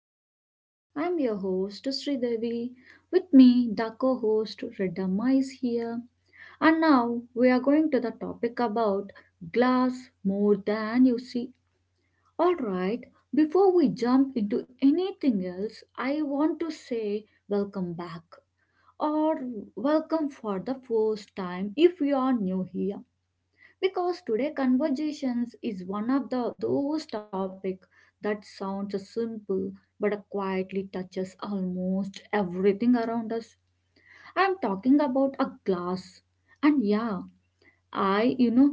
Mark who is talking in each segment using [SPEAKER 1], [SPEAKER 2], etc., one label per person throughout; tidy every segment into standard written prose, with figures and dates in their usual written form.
[SPEAKER 1] podcast. I'm your host Sridevi. With me, the co-host Redamma is here. And now we are going to the topic about glass, more than you see. Alright, before we jump into anything else, I want to say welcome back, or welcome for the first time if you are new here, because today conversations is one of the those topic that sounds simple but quietly touches almost everything around us. I'm talking about a glass. And yeah, I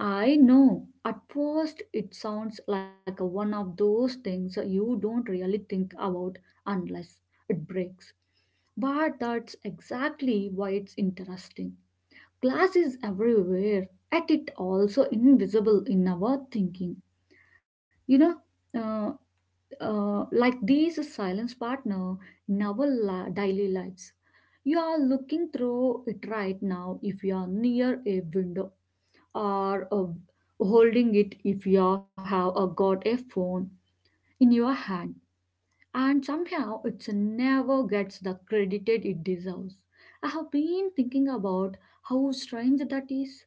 [SPEAKER 1] I know, at first it sounds like a one of those things you don't really think about unless it breaks. But that's exactly why it's interesting. Glass is everywhere, at it also invisible in our thinking. You know, uh, like these silence partner in our daily lives. You are looking through it right now if you are near a window, or holding it if you have got a phone in your hand. And somehow it never gets the credited it deserves. I have been thinking about how strange that is.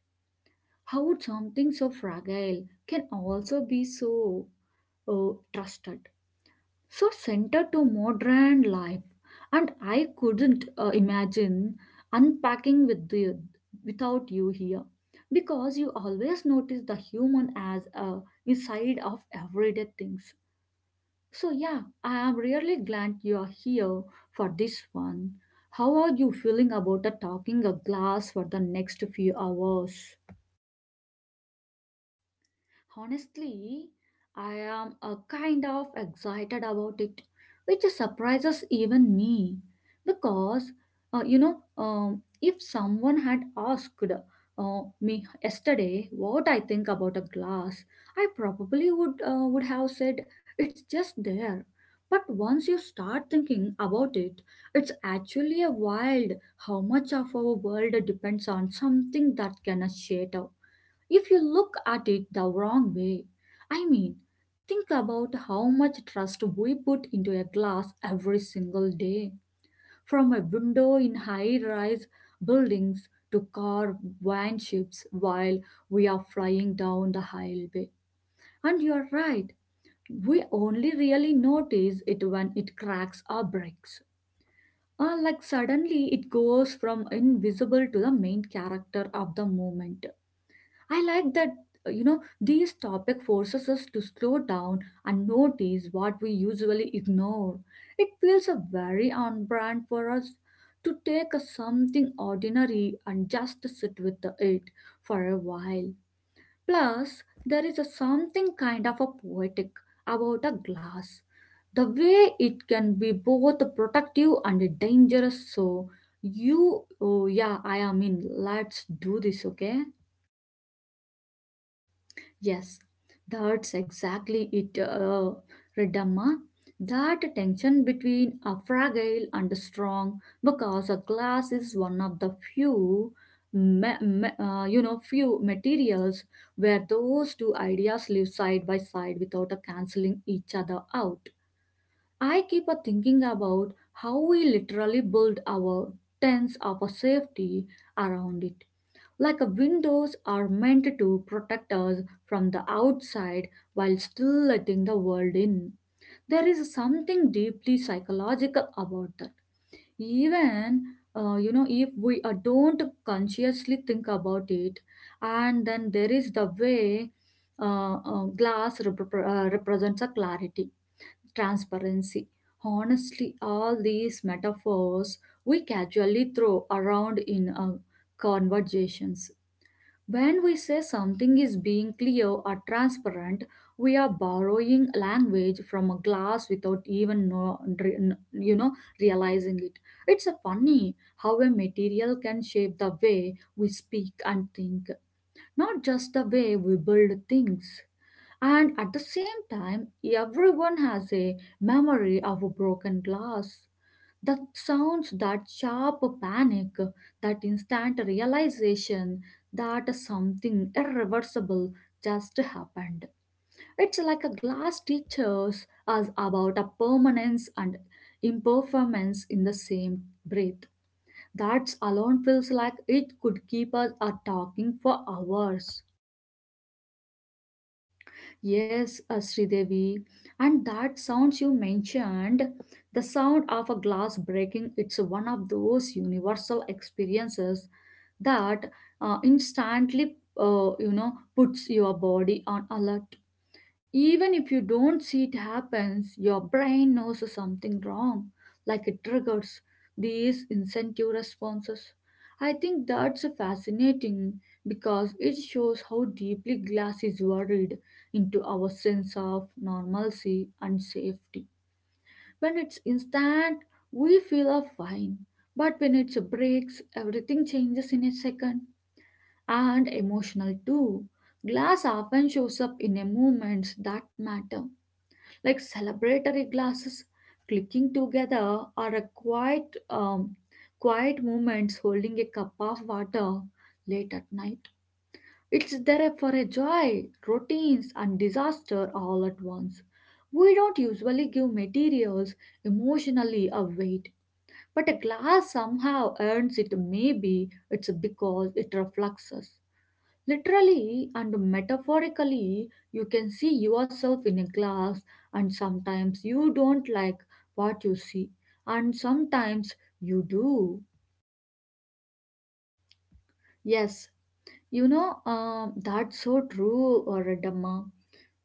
[SPEAKER 1] How would something so fragile can also be so trusted, so centered to modern life? And I couldn't imagine unpacking without you here, because you always notice the human as inside of everyday things. So yeah, I am really glad you are here for this one. How are you feeling about the talking a glass for the next few hours?
[SPEAKER 2] Honestly, I am a kind of excited about it, which surprises even me because if someone had asked uh, me yesterday what I think about a glass, I probably would have said it's just there. But once you start thinking about it, it's actually a wild how much of our world depends on something that can shatter if you look at it the wrong way. I mean, think about how much trust we put into a glass every single day. From a window in high rise buildings to car van ships while we are flying down the highway. And you're right, we only really notice it when it cracks or breaks. Like suddenly it goes from invisible to the main character of the moment. I like that, these topic forces us to slow down and notice what we usually ignore. It feels a very on brand for us to take a something ordinary and just sit with the it for a while. Plus, there is a something kind of a poetic about a glass. The way it can be both protective and dangerous. So, you, oh yeah, I am in. Let's do this, okay?
[SPEAKER 1] Yes, that's exactly it, Redamma. That tension between a fragile and a strong, because a glass is one of the few, few materials where those two ideas live side by side without a canceling each other out. I keep a thinking about how we literally build our tents of a safety around it, like a windows are meant to protect us from the outside while still letting the world in. There is something deeply psychological about that, even you know, if we don't consciously think about it. And then there is the way glass represents a clarity, transparency, honestly all these metaphors we casually throw around in conversations. When we say something is being clear or transparent, we are borrowing language from a glass without even know, dr- n- you know realizing it. It's a funny how a material can shape the way we speak and think, not just the way we build things. And at the same time, everyone has a memory of a broken glass. That sounds, that sharp panic, that instant realization that something irreversible just happened. It's like a glass teaches us about a permanence and impermanence in the same breath. That alone feels like it could keep us talking for hours.
[SPEAKER 2] Yes, Sridevi. And that sounds you mentioned, the sound of a glass breaking, it's one of those universal experiences that instantly, puts your body on alert. Even if you don't see it happens, your brain knows something wrong, like it triggers these incentive responses. I think that's fascinating because it shows how deeply glass is worried into our sense of normalcy and safety. When it's instant, we feel are fine, but when it breaks, everything changes in a second and emotional too. Glass often shows up in a moments that matter like celebratory glasses clicking together or a quiet moments holding a cup of water late at night. It's there for a joy routines and disaster all at once. We don't usually give materials emotionally a weight, but a glass somehow earns it. Maybe it's because it reflects us. Literally and metaphorically, you can see yourself in a glass, and sometimes you don't like what you see, and sometimes you do.
[SPEAKER 1] Yes, that's so true, Redamma.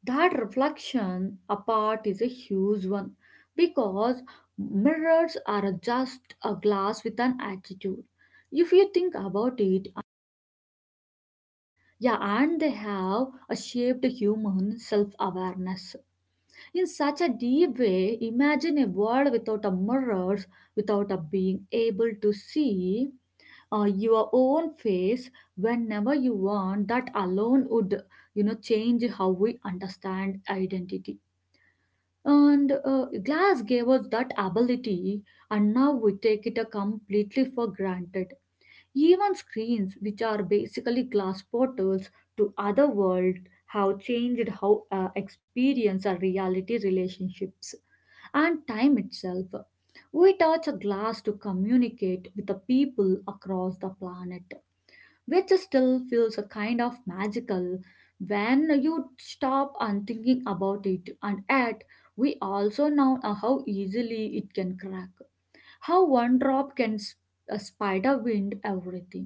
[SPEAKER 1] That reflection apart is a huge one because mirrors are just a glass with an attitude. If you think about it, yeah, and they have a shaped human self awareness. In such a deep way, imagine a world without a mirrors, without a being able to see your own face whenever you want. That alone would, you know, change how we understand identity. And glass gave us that ability, and now we take it completely for granted. Even screens, which are basically glass portals to other world, have changed how experience our reality, relationships, and time itself. We touch a glass to communicate with the people across the planet, which still feels a kind of magical when you stop and thinking about it. And yet we also know how easily it can crack, how one drop can a spider wind everything.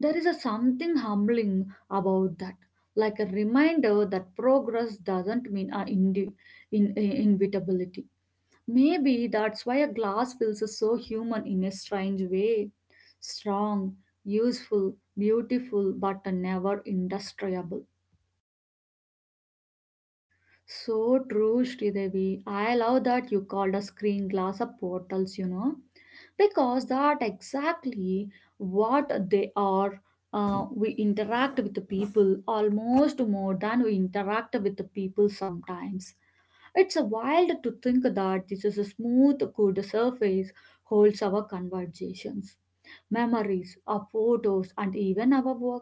[SPEAKER 1] There is a something humbling about that, like a reminder that progress doesn't mean in, in- inevitability. Maybe that's why a glass feels so human in a strange way. Strong, useful, beautiful, but never industriable.
[SPEAKER 2] So true, Sridevi. I love that you called a screen glass a portals, you know, because that exactly what they are. We interact with the people almost more than we interact with the people sometimes. It's a wild to think that this is a smooth, good surface holds our conversations memories, our photos, and even our work.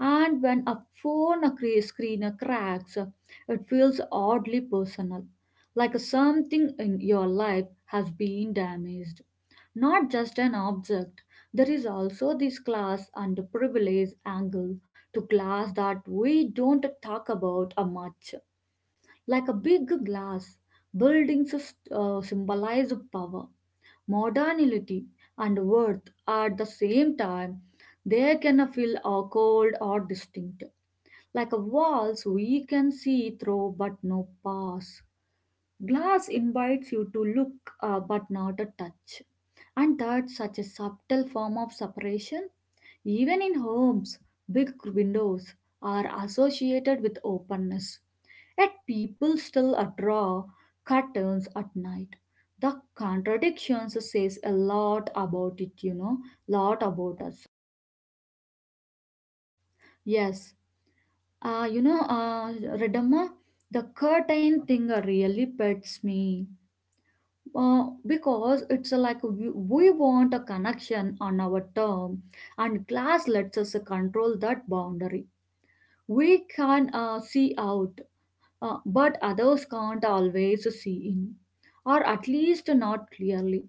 [SPEAKER 2] And when a screen cracks, it feels oddly personal, like something in your life has been damaged. Not just an object, there is also this class and privilege angle to class that we don't talk about a much. Like a big glass, buildings symbolize power modernity and worth. At the same time, they can feel or cold or distinct, like a walls we can see through but no pass. Glass invites you to look but not to touch, and that's such a subtle form of separation even in homes, big windows are associated with openness. Yet people still draw curtains at night. The contradiction says a lot about it, you know, lot about us.
[SPEAKER 1] Yes, uh, you know, uh, Redamma, the curtain thing really pets me. Because it's like we want a connection on our term, and glass lets us control that boundary. We can see out, but others can't always see in, or at least not clearly.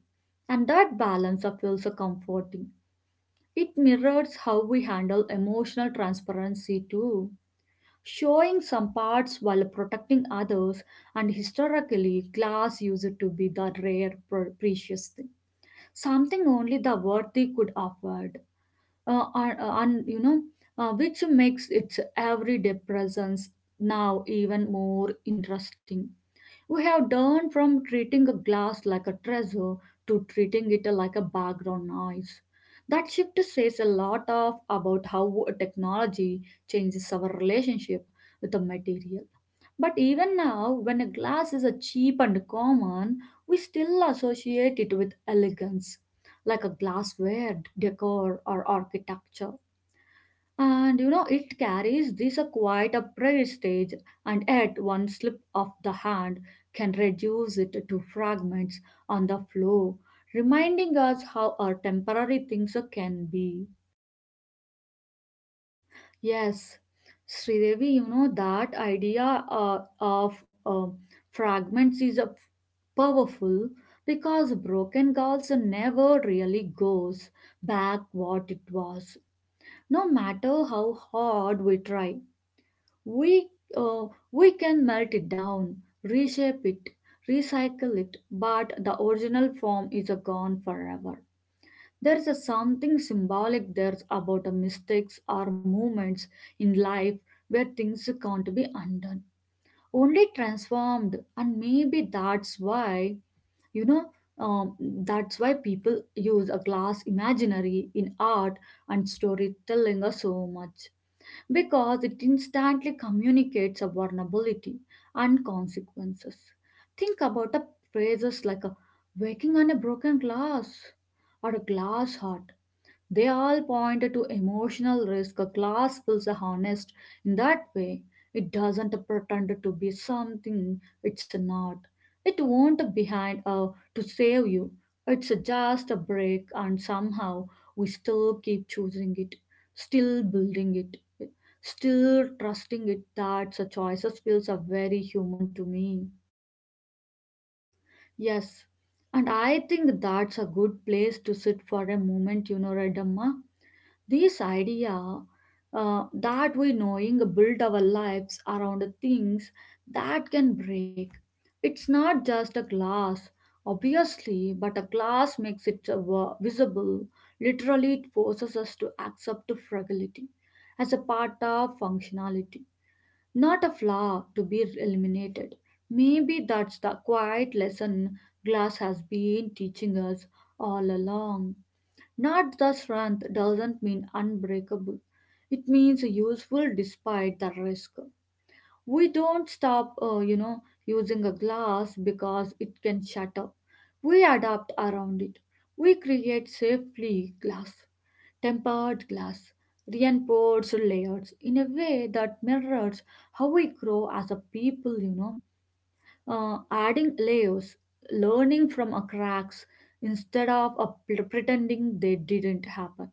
[SPEAKER 1] And that balance feels comforting. It mirrors how we handle emotional transparency too, showing some parts while protecting others. And historically, glass used to be the rare, precious thing, something only the worthy could afford. Uh, and, and which makes its everyday presence now even more interesting. We have turned from treating a glass like a treasure to treating it like a background noise. That shift says a lot of about how technology changes our relationship with the material. But even now, when a glass is a cheap and common, we still associate it with elegance, like a glassware decor or architecture. And you know, it carries this a quite a prayer stage, and yet one slip of the hand can reduce it to fragments on the floor, reminding us how our temporary things can be.
[SPEAKER 2] Yes, Sridevi, you know, that idea of fragments is a powerful because broken girls never really goes back what it was. No matter how hard we try, we uh, we can melt it down, reshape it, recycle it, but the original form is gone forever. There is a something symbolic there about a mistakes or moments in life where things can't be undone, only transformed, and maybe that's why you know um, that's why people use a glass imaginary in art and storytelling so much because it instantly communicates a vulnerability and consequences. Think about the phrases like a waking on a broken glass or a glass heart. They all point to emotional risk. A class feels honest in that way. It doesn't pretend to be something it's not. It won't behind to save you. It's just a break, and somehow we still keep choosing it, still building it, still trusting it. That such choices feels are very human to me.
[SPEAKER 1] Yes, and I think that's a good place to sit for a moment, you know, Redamma. This idea that we knowing build our lives around the things that can break. It's not just a glass, obviously, but a glass makes it visible. Literally, it forces us to accept fragility as a part of functionality, not a flaw to be eliminated. Maybe that's the quiet lesson glass has been teaching us all along. Not the strength doesn't mean unbreakable. It means useful despite the risk. We don't stop, using a glass because it can shatter. We adapt around it. We create safely glass, tempered glass, reinforced layers in a way that mirrors how we grow as a people, you know, adding layers, learning from our cracks instead of pretending they didn't happen.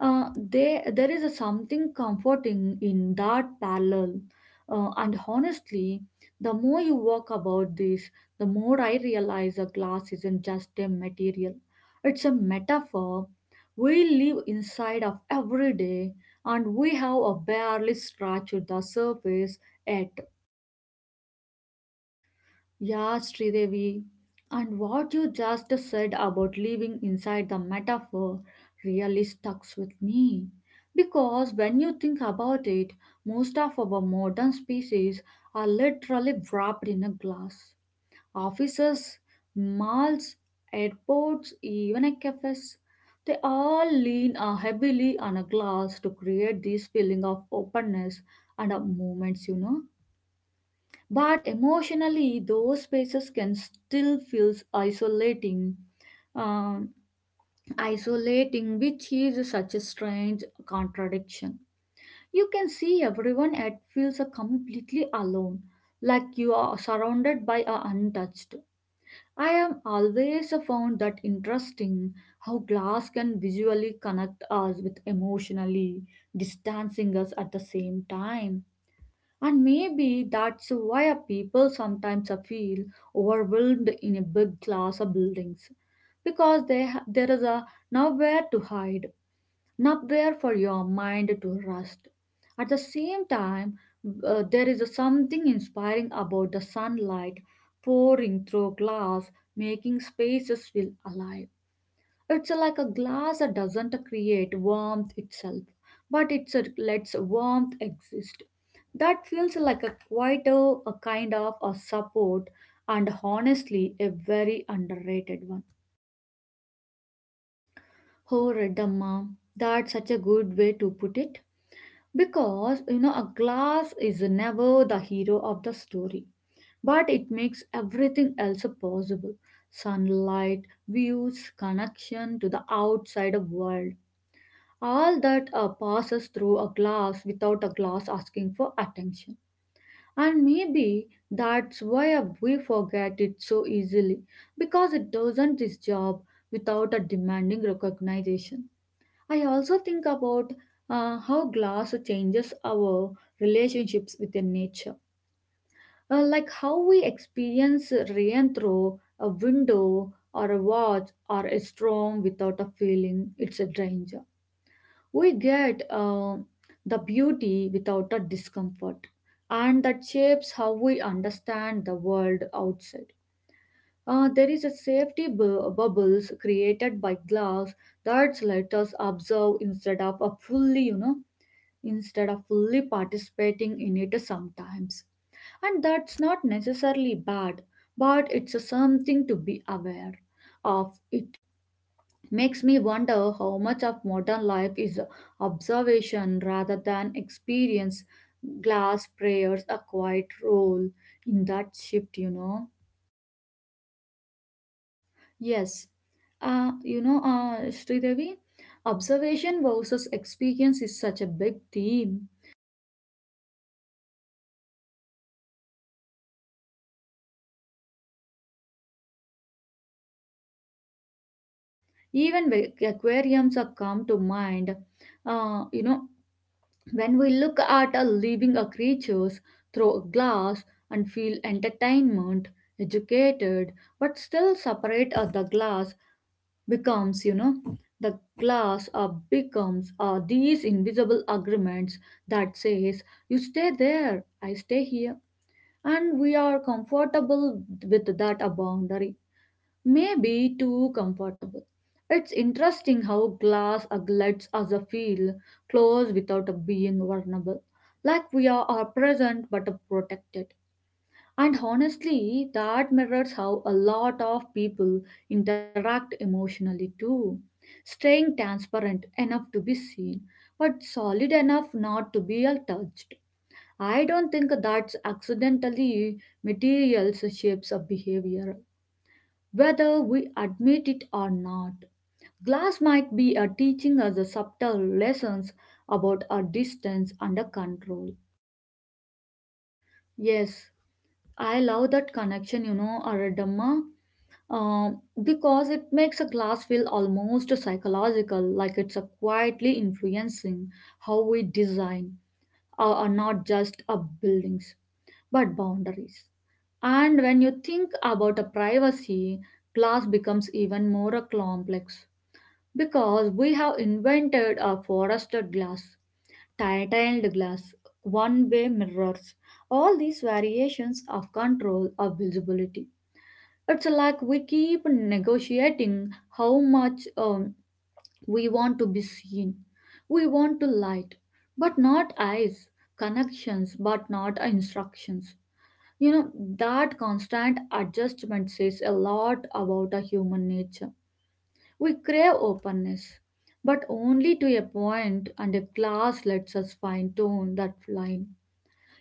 [SPEAKER 1] Uh, there is a something comforting in that parallel. And honestly, the more you work about this, the more I realize a glass isn't just a material. It's a metaphor. We live inside of every day, and we have a barely scratched the surface yet.
[SPEAKER 2] Yeah, Sridevi. And what you just said about living inside the metaphor really stucks with me. Because when you think about it, most of our modern species are literally wrapped in a glass. Offices, malls, airports, even a cafes, they all lean heavily on a glass to create this feeling of openness and of movements, you know. But emotionally, those spaces can still feel um, isolating, which is such a strange contradiction. You can see everyone at feels completely alone, like you are surrounded by a untouched. I have always found that interesting how glass can visually connect us with emotionally distancing us at the same time. And maybe that's why people sometimes feel overwhelmed in a big class of buildings because there is a nowhere to hide, nowhere for your mind to rest. At the same time, there is something inspiring about the sunlight pouring through glass, making spaces feel alive. It's like a glass that doesn't create warmth itself, but it lets warmth exist. That feels like a quieter, a kind of a support, and honestly, a very underrated one.
[SPEAKER 1] Oh, Redamma, that's such a good way to put it. Because, you know, a glass is never the hero of the story, but it makes everything else possible: sunlight, views, connection to the outside world. All that passes through a glass without a glass asking for attention. And maybe that's why we forget it so easily, because it doesn't this job without a demanding recognition. I also think about how glass changes our relationships with the nature, like how we experience rain through a window, or a watch or a storm, without a feeling it's a danger. We get the beauty without a discomfort, and that shapes how we understand the world outside. There is a safety bubbles created by glass that let us observe instead of fully participating in it sometimes. And that's not necessarily bad, but it's a something to be aware of. It makes me wonder how much of modern life is observation rather than experience. Glass prayers a quiet role in that shift, you know.
[SPEAKER 2] Yes, Sridevi, observation versus experience is such a big theme. Even the aquariums are come to mind. Uh, you know, when we look at a living a creatures through a glass and feel entertainment, educated, but still separate the glass becomes you know the glass becomes these invisible agreements that says you stay there, I stay here, and we are comfortable with that a boundary, maybe too comfortable. It's interesting how glass lets us feel close without being vulnerable, like we are present but protected, and honestly, that mirrors how a lot of people interact emotionally too. Staying transparent enough to be seen, but solid enough not to be all touched. I don't think that's accidentally materials shapes of behavior, whether we admit it or not. Glass might be a teaching us a subtle lessons about our distance under control.
[SPEAKER 1] Yes, I love that connection, you know, Aradamma, um, because it makes a glass feel almost psychological, like it's a quietly influencing how we design are not just of buildings but boundaries. And when you think about a privacy, glass becomes even more a complex, because we have invented a forested glass, tiled glass, one-way mirrors. All these variations of control of visibility. It's like we keep negotiating how much we want to be seen. We want to light, but not eyes, connections, but not instructions. You know, that constant adjustment says a lot about a human nature. We crave openness, but only to a point, and a glass lets us fine tune that line.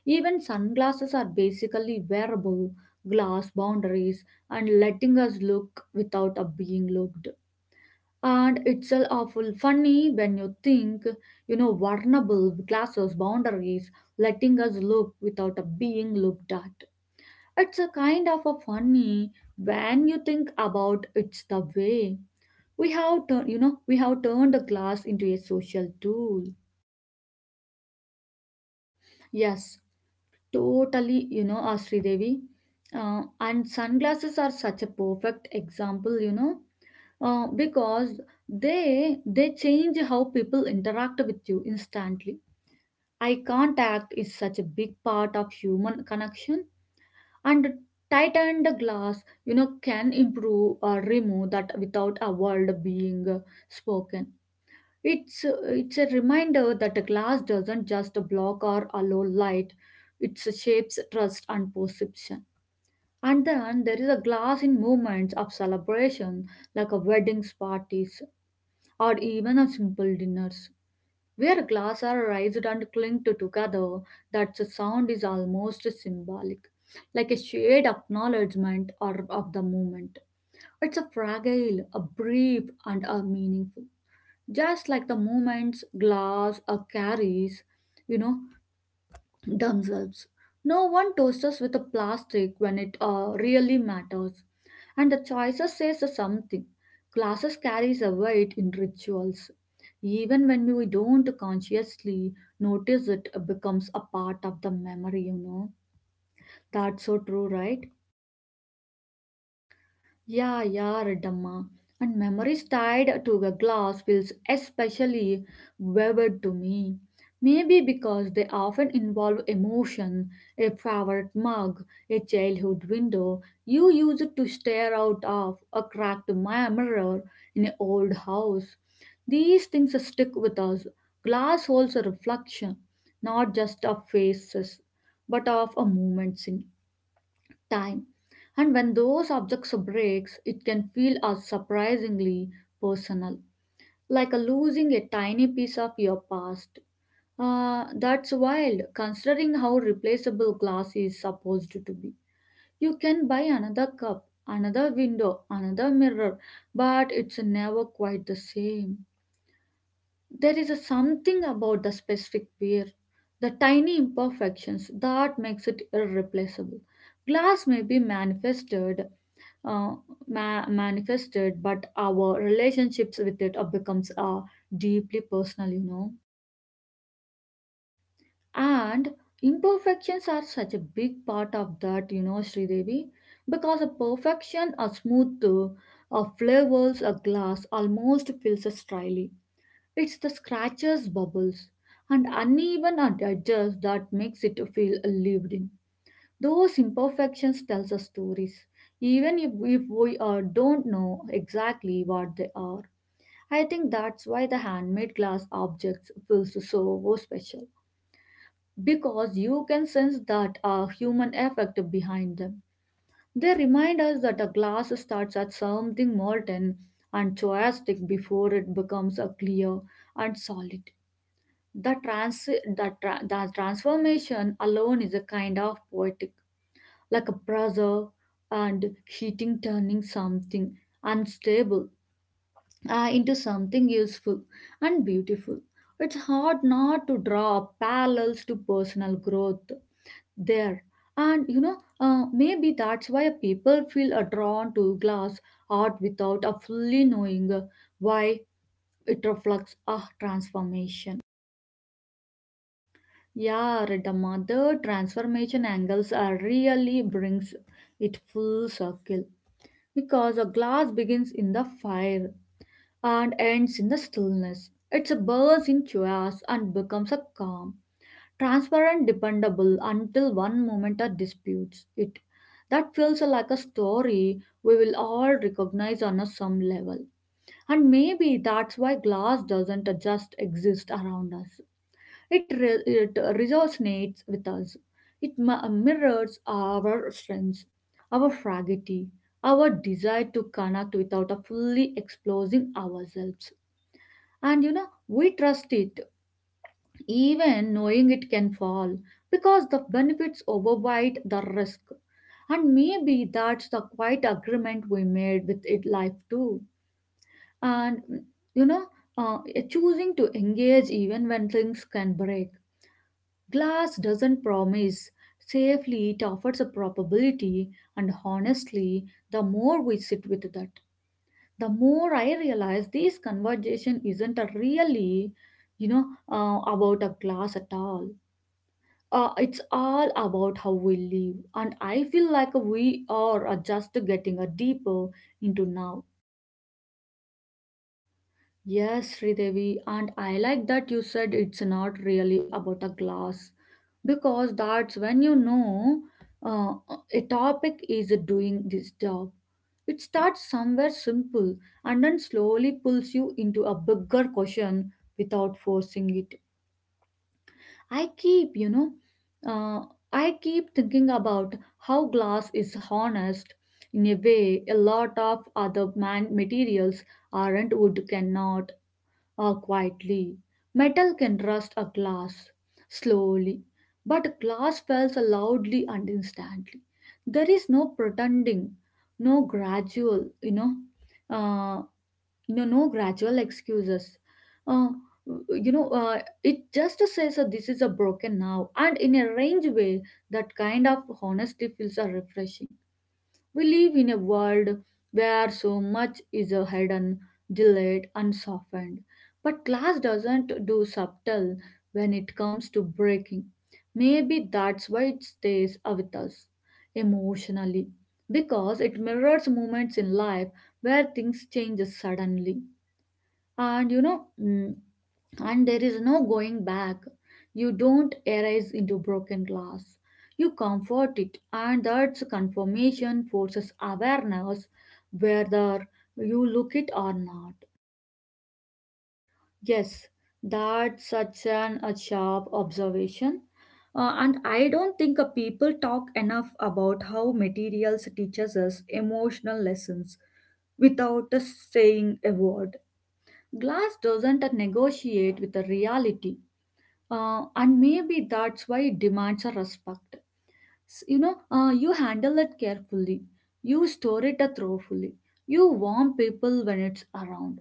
[SPEAKER 1] Even sunglasses are basically wearable glass boundaries, and letting us look without a being looked. And it's all awful funny when you think, vulnerable classes boundaries letting us look without a being looked at. It's a kind of a funny when you think about it's the way we have turned the class into a social tool.
[SPEAKER 2] Yes, totally, you know, Sridevi. And sunglasses are such a perfect example, you know, because they change how people interact with you instantly. Eye contact is such a big part of human connection, and tightened glass, you know, can improve or remove that without a word being spoken. It's it's a reminder that a glass doesn't just block or allow light; it shapes trust and perception. And then there is a glass in moments of celebration, like a weddings parties or even a simple dinners, where glass are raised and clinged together. That the sound is almost symbolic, like a shared acknowledgement or of the moment. It's a fragile, a brief, and a meaningful just like the moments glass carries, you know, themselves. No one toasts us with a plastic when it really matters. And the choices says something. Glasses carries a weight in rituals. Even when we don't consciously notice it, it becomes a part of the memory, you know. That's so true, right?
[SPEAKER 1] Yeah, yeah, Redamma. And memories tied to the glass feels especially vivid to me. Maybe because they often involve emotion, a favorite mug, a childhood window you used to stare out of, a cracked mirror in an old house. These things stick with us. Glass holds a reflection, not just of faces, but of a moment time. And when those objects breaks, it can feel as surprisingly personal, like a losing a tiny piece of your past. Ah, that's wild, considering how replaceable glass is supposed to be. You can buy another cup, another window, another mirror, but it's never quite the same. There is a something about the specific wear, the tiny imperfections that makes it irreplaceable. Glass may be manifested uh, manifested, but our relationships with it becomes deeply personal.
[SPEAKER 2] And imperfections are such a big part of that, you know, Sridevi, because a perfection, a smooth, a flavors, a glass almost feels us dryly. It's the scratches, bubbles, and edges that makes it feel lived in. Those imperfections tells us stories, even if we don't know exactly what they are. I think that's why the handmade glass objects feels so special because you can sense that human effect behind them. They remind us that a glass starts at something molten and choiastic before it becomes a clear and solid. The trans- that, tra- that transformation alone is a kind of poetic, like a brother and heating turning something unstable into something useful and beautiful. It's hard not to draw parallels to personal growth there, and you know, maybe that's why people feel drawn to glass art without fully knowing why it reflects a transformation.
[SPEAKER 1] Yeah Redamma, the transformation angles are really brings it full circle, because a glass begins in the fire and ends in the stillness. It's a burst in chaos and becomes a calm, transparent, dependable until one moment a disputes it. That feels like a story we will all recognize on a some level. And maybe that's why glass doesn't just exist around us. It resonates with us. It mirrors our strengths, our fragility, our desire to connect without a fully exposing ourselves. And you know, we trust it, even knowing it can fall, because the benefits override the risk. And maybe that's the quiet agreement we made with it life too. And mm, you know uh, eh, choosing to engage even when things can break. Glass doesn't promise safely, it offers a probability. And honestly, the more we sit with that, the more I realize this conversation isn't a really you know about a glass at all. It's all about how we live, and I feel like we are just getting a deeper into now.
[SPEAKER 2] Yes, Sridevi, and I like that you said it's not really about a glass because that's when you know, uh, a topic is doing this job. It starts somewhere simple and then slowly pulls you into a bigger question without forcing it. I keep, you know, uh, I keep thinking about how glass is harnessed in a way a lot of other man materials aren't. Wood cannot quietly. Metal can rust a glass slowly, but glass falls loudly and instantly. There is no pretending, no gradual, you know. uh, no gradual excuses. uh, you know uh, it just says that this is a broken now and in a range way that kind of honesty feels are refreshing. We live in a world where so much is hidden, delayed and softened, but class doesn't do subtle when it comes to breaking. Maybe that's why it stays with us emotionally, because it mirrors moments in life where things change suddenly, and and there is no going back. You don't arise into broken glass, you comfort it, and that's confirmation forces awareness whether you look it or not.
[SPEAKER 1] Yes, that's such an a sharp observation. And I don't think people talk enough about how materials teaches us emotional lessons without us saying a word. Glass doesn't negotiate with the reality, and maybe that's why it demands a respect. You handle it carefully, you store it thoroughly, you warm people when it's around.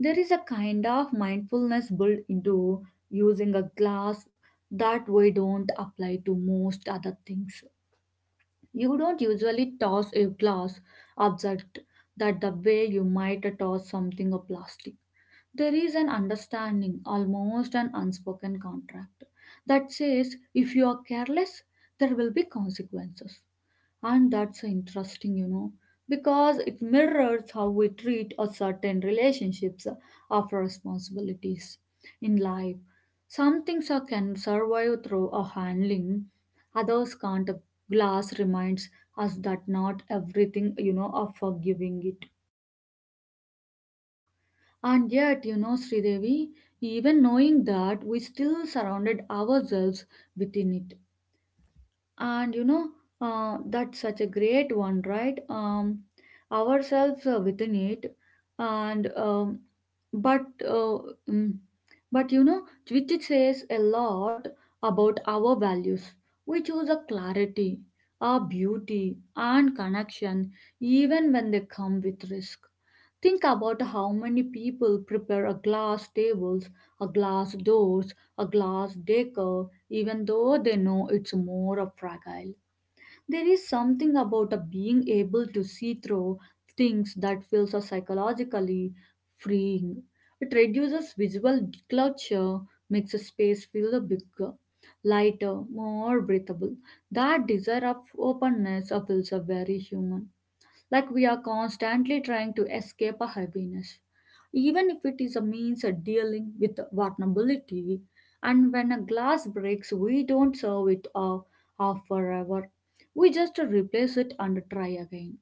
[SPEAKER 1] There is a kind of mindfulness built into using a glass that we don't apply to most other things. You don't usually toss a glass object that the way you might toss something of plastic. There is an understanding, almost an unspoken contract, that says if you are careless, there will be consequences. And that's so interesting, you know, because it mirrors how we treat a certain relationships of responsibilities in life. Some things are, can survive through a handling, others can't. Glass reminds us that not everything, you know, are forgiving it.
[SPEAKER 2] And yet, you know, Sridevi, even knowing that we still surrounded ourselves within it. And you know That's such a great one, right? Ourselves within it. And but uh, mm, but you know Which it says a lot about our values. We choose a clarity, a beauty and connection even when they come with risk. Think about how many people prepare a glass tables, a glass doors, a glass decor even though they know it's more of fragile. There is something about a being able to see through things that feels a psychologically freeing. It reduces visual clutter, makes a space feel bigger, lighter, more breathable. That desire of openness feels a very human, like we are constantly trying to escape a heaviness even if it is a means of dealing with vulnerability. And when a glass breaks, we don't serve it off forever. We just replace it and try again.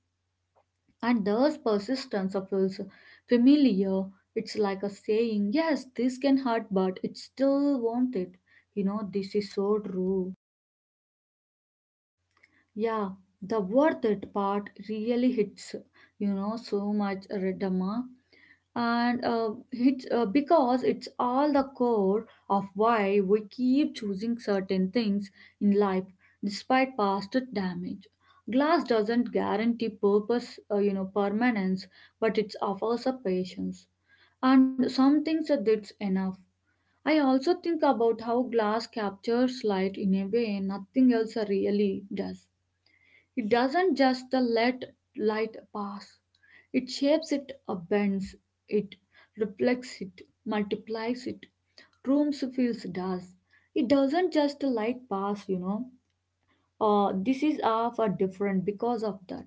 [SPEAKER 2] And thus persistence of feels familiar. It's like a saying, yes, this can hurt, but it still won't it. This is so true.
[SPEAKER 1] Yeah, the worth it part really hits, you know, so much, Redama. And it's Because it's all the core of why we keep choosing certain things in life despite past damage. Glass doesn't guarantee purpose, you know, permanence, but it offers a patience, and some things that that's enough. I also think about how glass captures light in a way nothing else really does. It doesn't just the let light pass. It shapes it, bends it, reflects it, multiplies it, rooms fills does. It doesn't just light pass, you know. This is off or different because of that.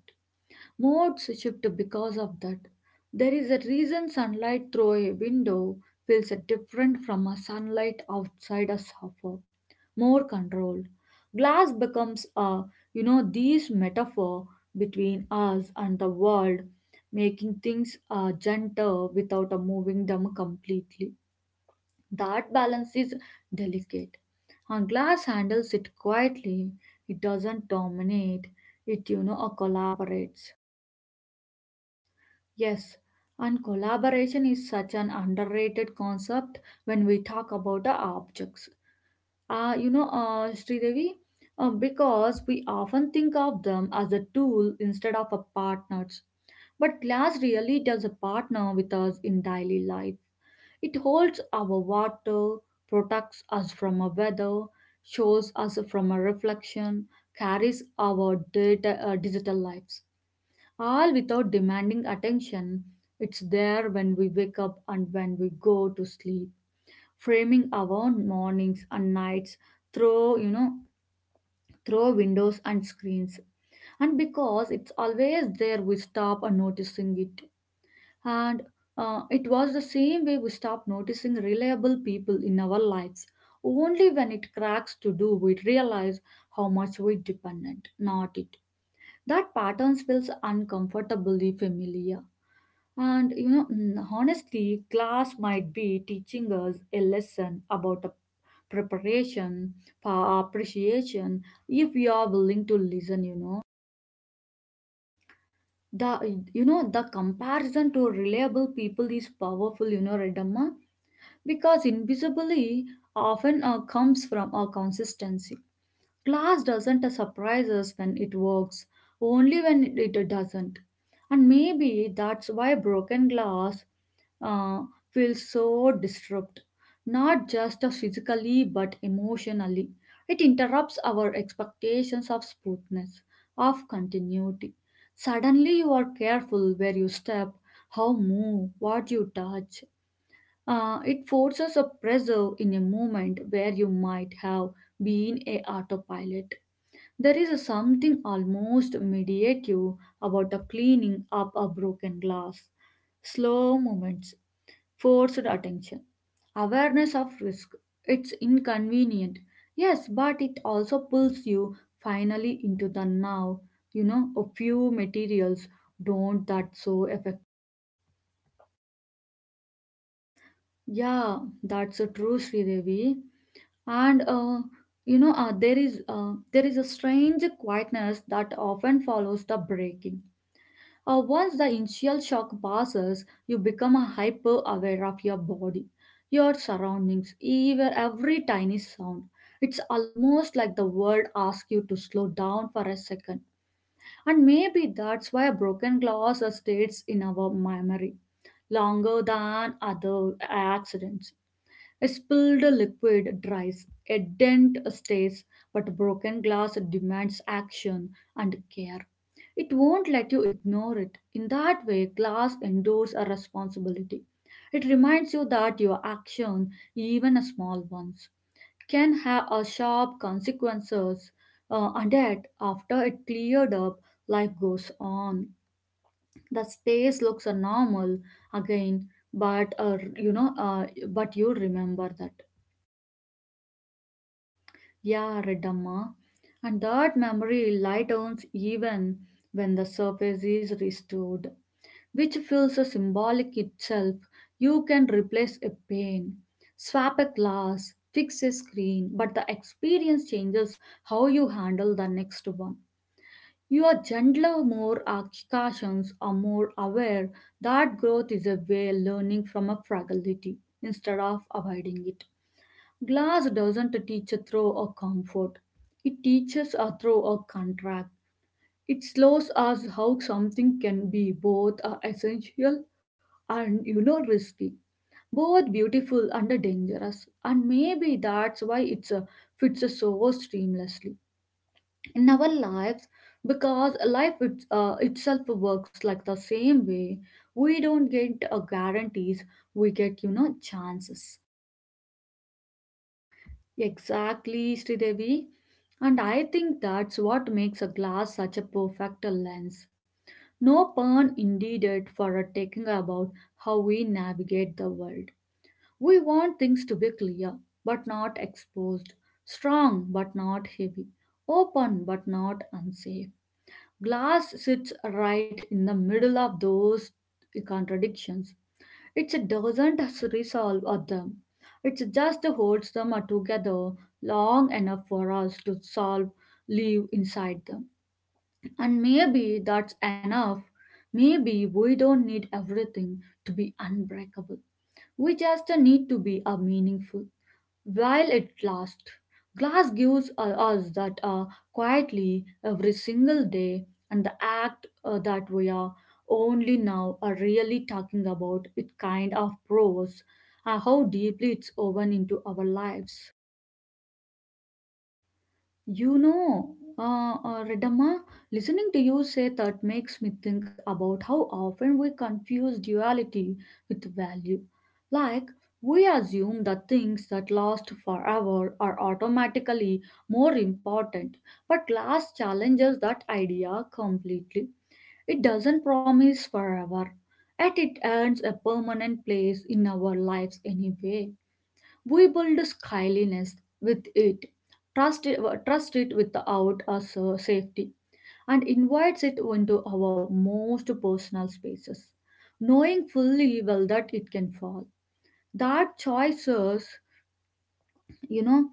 [SPEAKER 1] Modes shift because of that. There is a reason sunlight through a window feels different from a sunlight outside a sofa, more controlled. Glass becomes a, you know, these metaphor between us and the world, making things gentle without moving them completely. That balance is delicate. A glass handles it quietly. It doesn't dominate. It, you know, collaborates.
[SPEAKER 2] Yes, and collaboration is such an underrated concept when we talk about the objects. Sridevi, because we often think of them as a tool instead of a partners. But glass really does a partner with us in daily life. It holds our water, protects us from a weather, shows us from a reflection, carries our data, digital lives. All without demanding attention. It's there when we wake up and when we go to sleep, framing our mornings and nights through you know through windows and screens. And because it's always there, we stop and noticing it. And it was the same way we stop noticing reliable people in our lives. Only when it cracks to do, we realize how much we dependent, not it. That pattern feels uncomfortably familiar and honestly, class might be teaching us a lesson about a preparation for appreciation if we are willing to listen.
[SPEAKER 1] The you know the comparison to reliable people is powerful, you know Redamma, because invisibly often comes from a consistency. Class doesn't surprise us when it works, only when it doesn't. And maybe that's why broken glass uh, feels so disrupt, not just physically but emotionally. It interrupts our expectations of smoothness, of continuity. Suddenly, you are careful where you step, how move, what you touch. It forces a pressure in a moment where you might have been a autopilot. There is a something almost meditative about the cleaning up a broken glass. Slow movements, forced attention, awareness of risk. It's inconvenient, yes, but it also pulls you finally into the now. You know, a few materials don't that so affect.
[SPEAKER 2] Yeah, that's a true Sri Devi. And there is a strange quietness that often follows the breaking. Once the initial shock passes, you become hyper aware of your body, your surroundings, even every tiny sound. It's almost like the world asks you to slow down for a second. And maybe that's why broken glass stays in our memory longer than other accidents. A spilled liquid dries, a dent stays, but broken glass demands action and care. It won't let you ignore it. In that way, class endures a responsibility. It reminds you that your action, even a small ones, can have a sharp consequences, and yet after it cleared up, life goes on. The space looks normal again, but uh, you know, uh, but you remember that.
[SPEAKER 1] Yeah, Redamma. And that memory lightens even when the surface is restored, which feels a symbolic itself. You can replace a pane, swap a glass, fix a screen, but the experience changes how you handle the next one. You are gentler, more cautions, are more aware that growth is a way learning from a fragility instead of avoiding it. Glass doesn't teach through a comfort. It teaches a through a contract. It shows us how something can be both essential and you know risky, both beautiful and dangerous, and maybe that's why it's fits so seamlessly in our lives, because life it, itself works like the same way. We don't get guarantees, we get you know chances.
[SPEAKER 2] Exactly, Sridevi. And I think that's what makes a glass such a perfect lens. No pun intended for a taking about how we navigate the world. We want things to be clear but not exposed, strong but not heavy, open but not unsafe. Glass sits right in the middle of those contradictions. It doesn't resolve of them. It just holds them together long enough for us to solve, live inside them. And maybe that's enough. Maybe we don't need everything to be unbreakable. We just need to be meaningful while it lasts. Glass gives us that quietly every single day, and the act that we are only now are really talking about it kind of proves how deeply it's woven into our lives.
[SPEAKER 1] You know, Ridhama, listening to you say that makes me think about how often we confuse duality with value. Like, we assume that things that last forever are automatically more important, but glass challenges that idea completely. It doesn't promise forever, yet it earns a permanent place in our lives anyway. We build skyliness with it, trust it, trust it without us safety, and invites it into our most personal spaces, knowing fully well that it can fall. That choices, you know,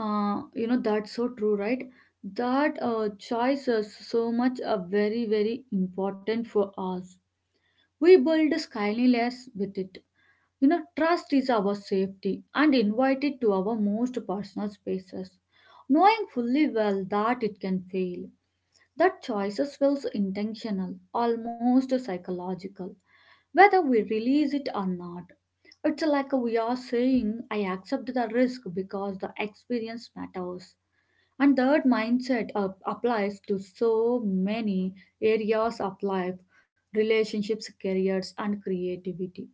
[SPEAKER 1] you know, that's so true, right? That choices so much are very very important for us. We build skyliness with it, you know, trust is our safety and invited to our most personal spaces, knowing fully well that it can fail, that choices feels intentional, almost psychological, whether we release it or not. It's like we are saying, I accept the risk because the experience matters. And that mindset applies to so many areas of life, relationships, careers, and creativity.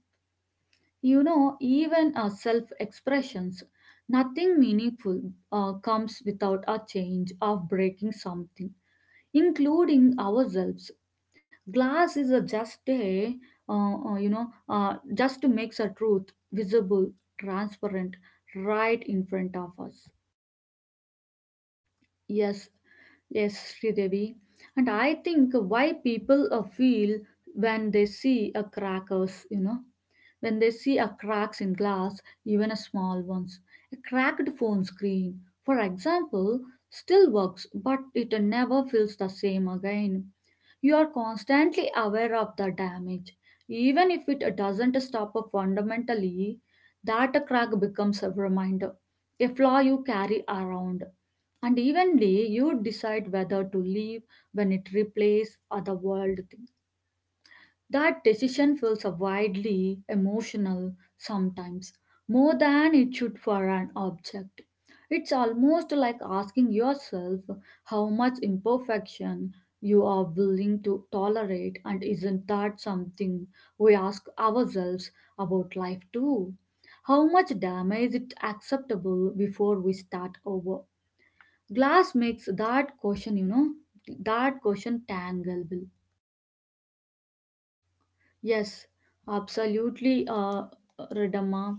[SPEAKER 1] You know, even our self expressions, nothing meaningful comes without a change of breaking something, including ourselves. Glass is a just a, just makes a truth visible, transparent, right in front of us.
[SPEAKER 2] Yes, Yes, Sridevi. And I think why people feel when they see a crackers, you know, when they see a cracks in glass, even a small ones. A cracked phone screen, for example, still works, but it never feels the same again. You are constantly aware of the damage. Even if it doesn't stop fundamentally, that crack becomes a reminder, a flaw you carry around, and evenly you decide whether to leave when it replaces other world things. That decision feels a widely emotional sometimes, more than it should for an object. It's almost like asking yourself how much imperfection you are willing to tolerate, and isn't that something we ask ourselves about life too? How much damage is acceptable before we start over? Glass makes that question, that question tangleable.
[SPEAKER 1] Yes, absolutely, Radama.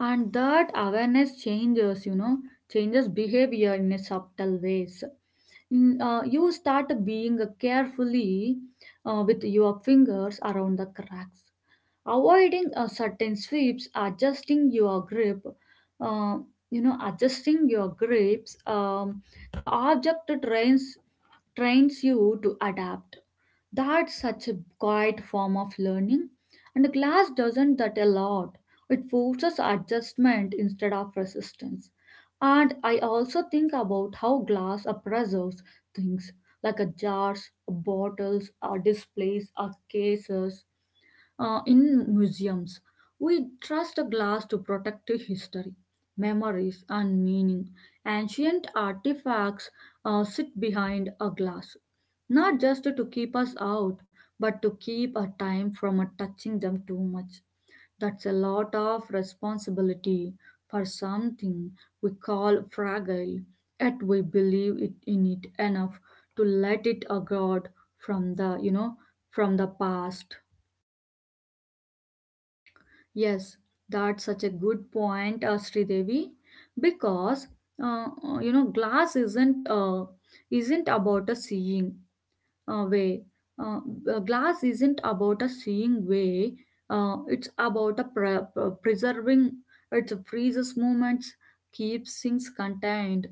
[SPEAKER 1] And that awareness changes, you know, changes behavior in a subtle ways. You start being carefully with your fingers around the cracks, avoiding certain sweeps, adjusting your grip. Uh, Adjusting your grips. The object trains you to adapt. That's such a quiet form of learning, and class doesn't that a lot. It forces adjustment instead of resistance. And I also think about how glass preserves things like a jars, bottles, or displays, or cases. In museums, we trust a glass to protect history, memories, and meaning. Ancient artifacts sit behind a glass, not just to keep us out, but to keep our time from touching them too much. That's a lot of responsibility for something we call fragile, yet we believe it in it enough to let it a god from the you know from the past.
[SPEAKER 2] Yes, that's such a good point, Sridevi, because glass isn't about a seeing. Way. A glass isn't about a seeing way, it's about a preserving. It freezes moments, keeps things contained,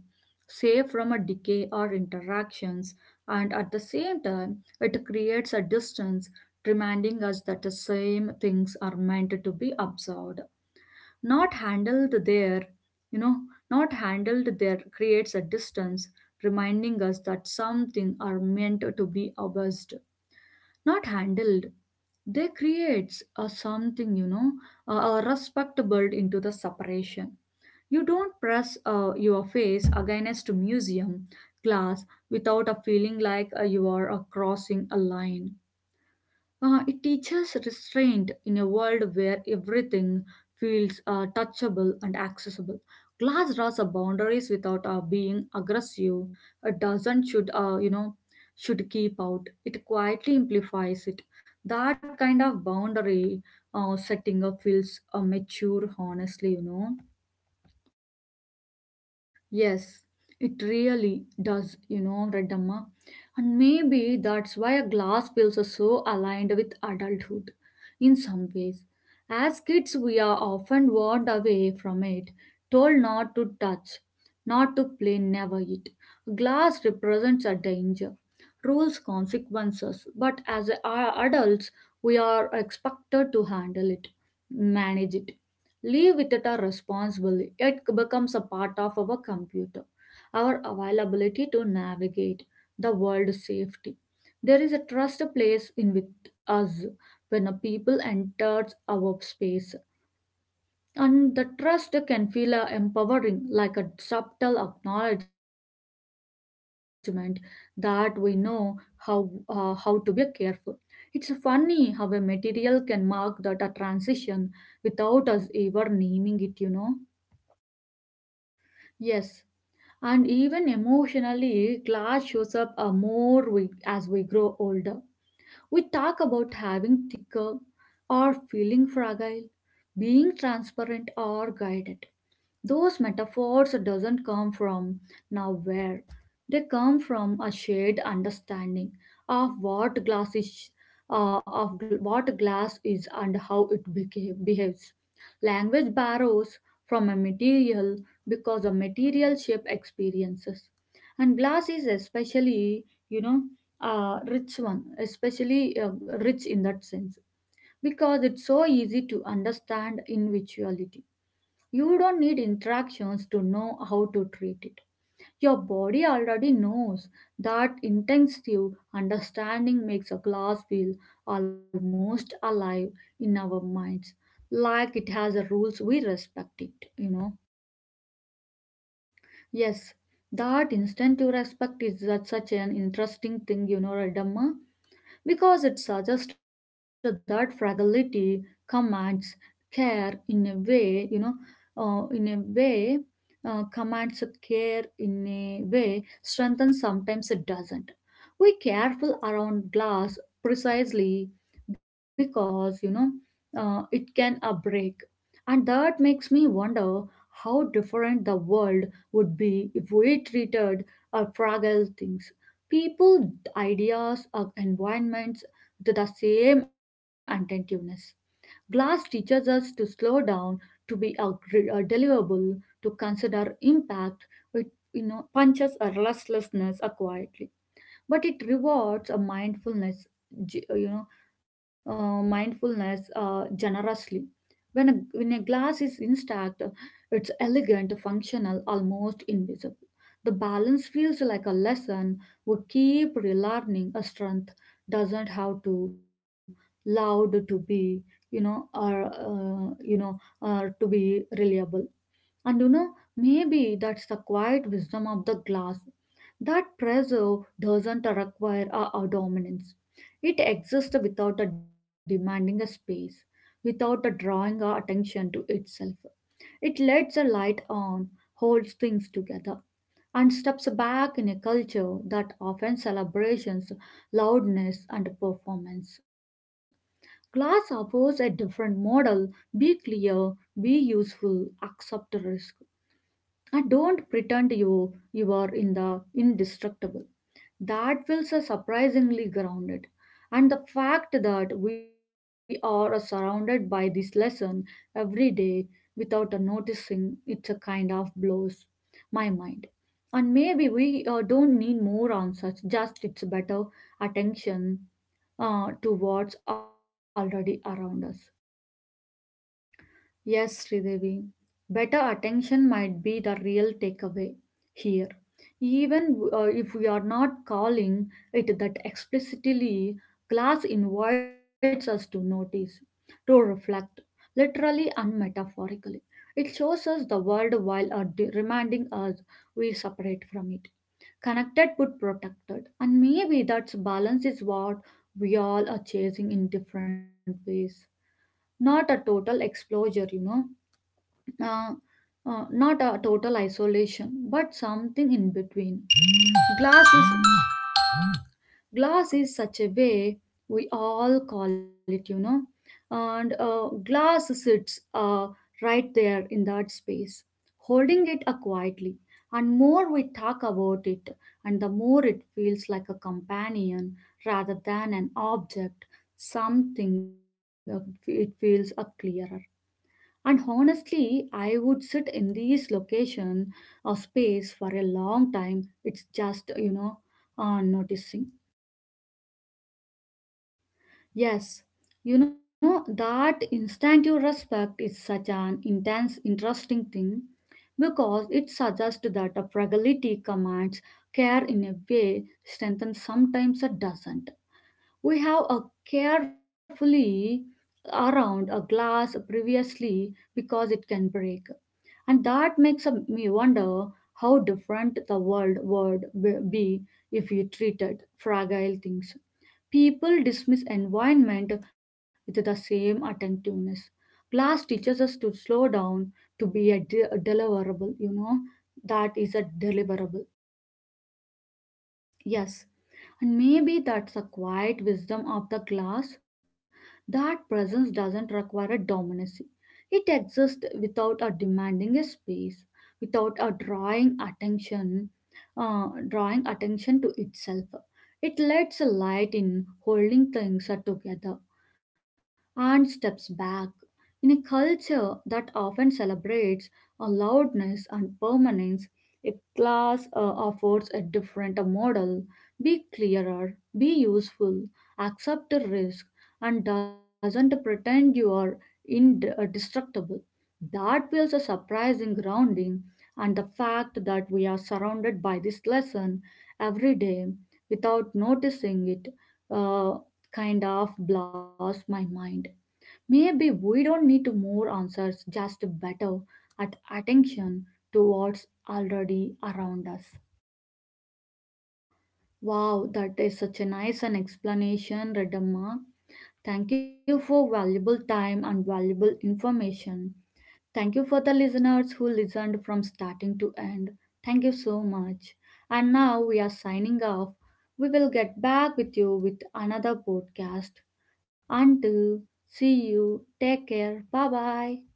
[SPEAKER 2] safe from a decay or interactions, and at the same time, it creates a distance, reminding us that the same things are meant to be observed, not handled there you know not handled there creates a distance, reminding us that something are meant to be abused, not handled. They creates a something, you know, a respectable into the separation. You don't press your face against a museum glass without a feeling like you are crossing a line. It teaches restraint in a world where everything feels touchable and accessible. Glass draws up boundaries without being aggressive. A dozen should, should keep out. It quietly amplifies it. That kind of boundary setting up feels mature, honestly, you know.
[SPEAKER 1] Yes, it really does, you know, Redamma. And maybe that's why a glass feels so aligned with adulthood in some ways. As kids, we are often warned away from it, told not to touch, not to play, never eat. Glass represents a danger, rules, consequences, but as adults, we are expected to handle it, manage it. Leave with it are responsible. It becomes a part of our computer, our availability to navigate the world safety. There is a trust placed in with us when a people enters our space. And the trust can feel empowering, like a subtle acknowledgement that we know how how to be careful. It's funny how a material can mark that a transition without us ever naming it, you know.
[SPEAKER 2] Yes, and even emotionally, glass shows up as we grow older. We talk about having thicker or feeling fragile, being transparent or guided. Those metaphors doesn't come from nowhere. They come from a shared understanding of what glass is, what glass is and how it behaves. Language borrows from a material because a material shape experiences, and glass is especially, you know, a rich one, especially rich in that sense because it's so easy to understand in visuality. You don't need interactions to know how to treat it. Your body already knows that intensive understanding makes a glass feel almost alive in our minds, like it has a rules we respect it, you know.
[SPEAKER 1] Yes, that instinctive respect is that such an interesting thing, you know, Radhamma, because it suggests that fragility commands care in a way, uh, in a way commands care in a way strengthens sometimes it doesn't. We careful around glass precisely because, it can a break. And that makes me wonder how different the world would be if we treated our fragile things, people, ideas, or environments to the same attentiveness. Glass teaches us to slow down, to be a, a deliverable, to consider impact. It you know punches a restlessness acquired, but it rewards a mindfulness, ge- you know mindfulness generously. When a glass is intact, it's elegant, functional, almost invisible. The balance feels like a lesson we keep relearning. A strength doesn't have to loud to be, you know, or to be reliable. And you know, maybe that's the quiet wisdom of the glass. That pressure doesn't require a dominance. It exists without a demanding a space, without a drawing our attention to itself. It lets the light on, holds things together, and steps back in a culture that often celebrates loudness and performance. Glass offers a different model. Be clear, be useful, accept the risk. I don't pretend you are in the indestructible. That feels surprisingly grounded. And the fact that we are surrounded by this lesson every day without noticing it's a kind of blows my mind. And maybe we don't need more answers, just it's better attention to what's already around us.
[SPEAKER 2] Yes, Sridevi. Better attention might be the real takeaway here. Even if we are not calling it that explicitly, class invites us to notice, to reflect, literally and metaphorically. It shows us the world while reminding us we separate from it. Connected but protected. And maybe that balance is what we all are chasing in different ways. Not a total exposure, uh, not a total isolation but something in between. Glass is glass is such a way we all call it, you know. And glass sits right there in that space holding it quietly, and more we talk about it and the more it feels like a companion rather than an object, something it feels clearer. And honestly, I would sit in this location or space for a long time. It's just, you know, noticing.
[SPEAKER 1] Yes, you know, that instinctive respect is such an intense, interesting thing, because it suggests that a fragility commands care in a way strength and sometimes it doesn't. We have a carefully around a glass previously because it can break, and that makes me wonder how different the world would be if we treated fragile things, people, dismiss environment with the same attentiveness. Class teaches us to slow down, to be a, a deliverable, you know. That is a deliverable.
[SPEAKER 2] Yes. And maybe that's a quiet wisdom of the glass, that presence doesn't require a dominancy. It exists without a demanding a space, without a drawing attention, to itself. It lets a light in, holding things together and steps back. In a culture that often celebrates a loudness and permanence, a class affords a different model. Be clearer, be useful, accept the risk, and doesn't pretend you are indestructible. That feels a surprising grounding, and the fact that we are surrounded by this lesson every day without noticing it uh, kind of blows my mind. Maybe we don't need to more answers, just better at attention to what's already around us.
[SPEAKER 1] Wow, that is such a nice an explanation, Redamma. Thank you for valuable time and valuable information. Thank you for the listeners who listened from starting to end. Thank you so much. And now we are signing off. We will get back with you with another podcast. Until see you, take care. Bye bye.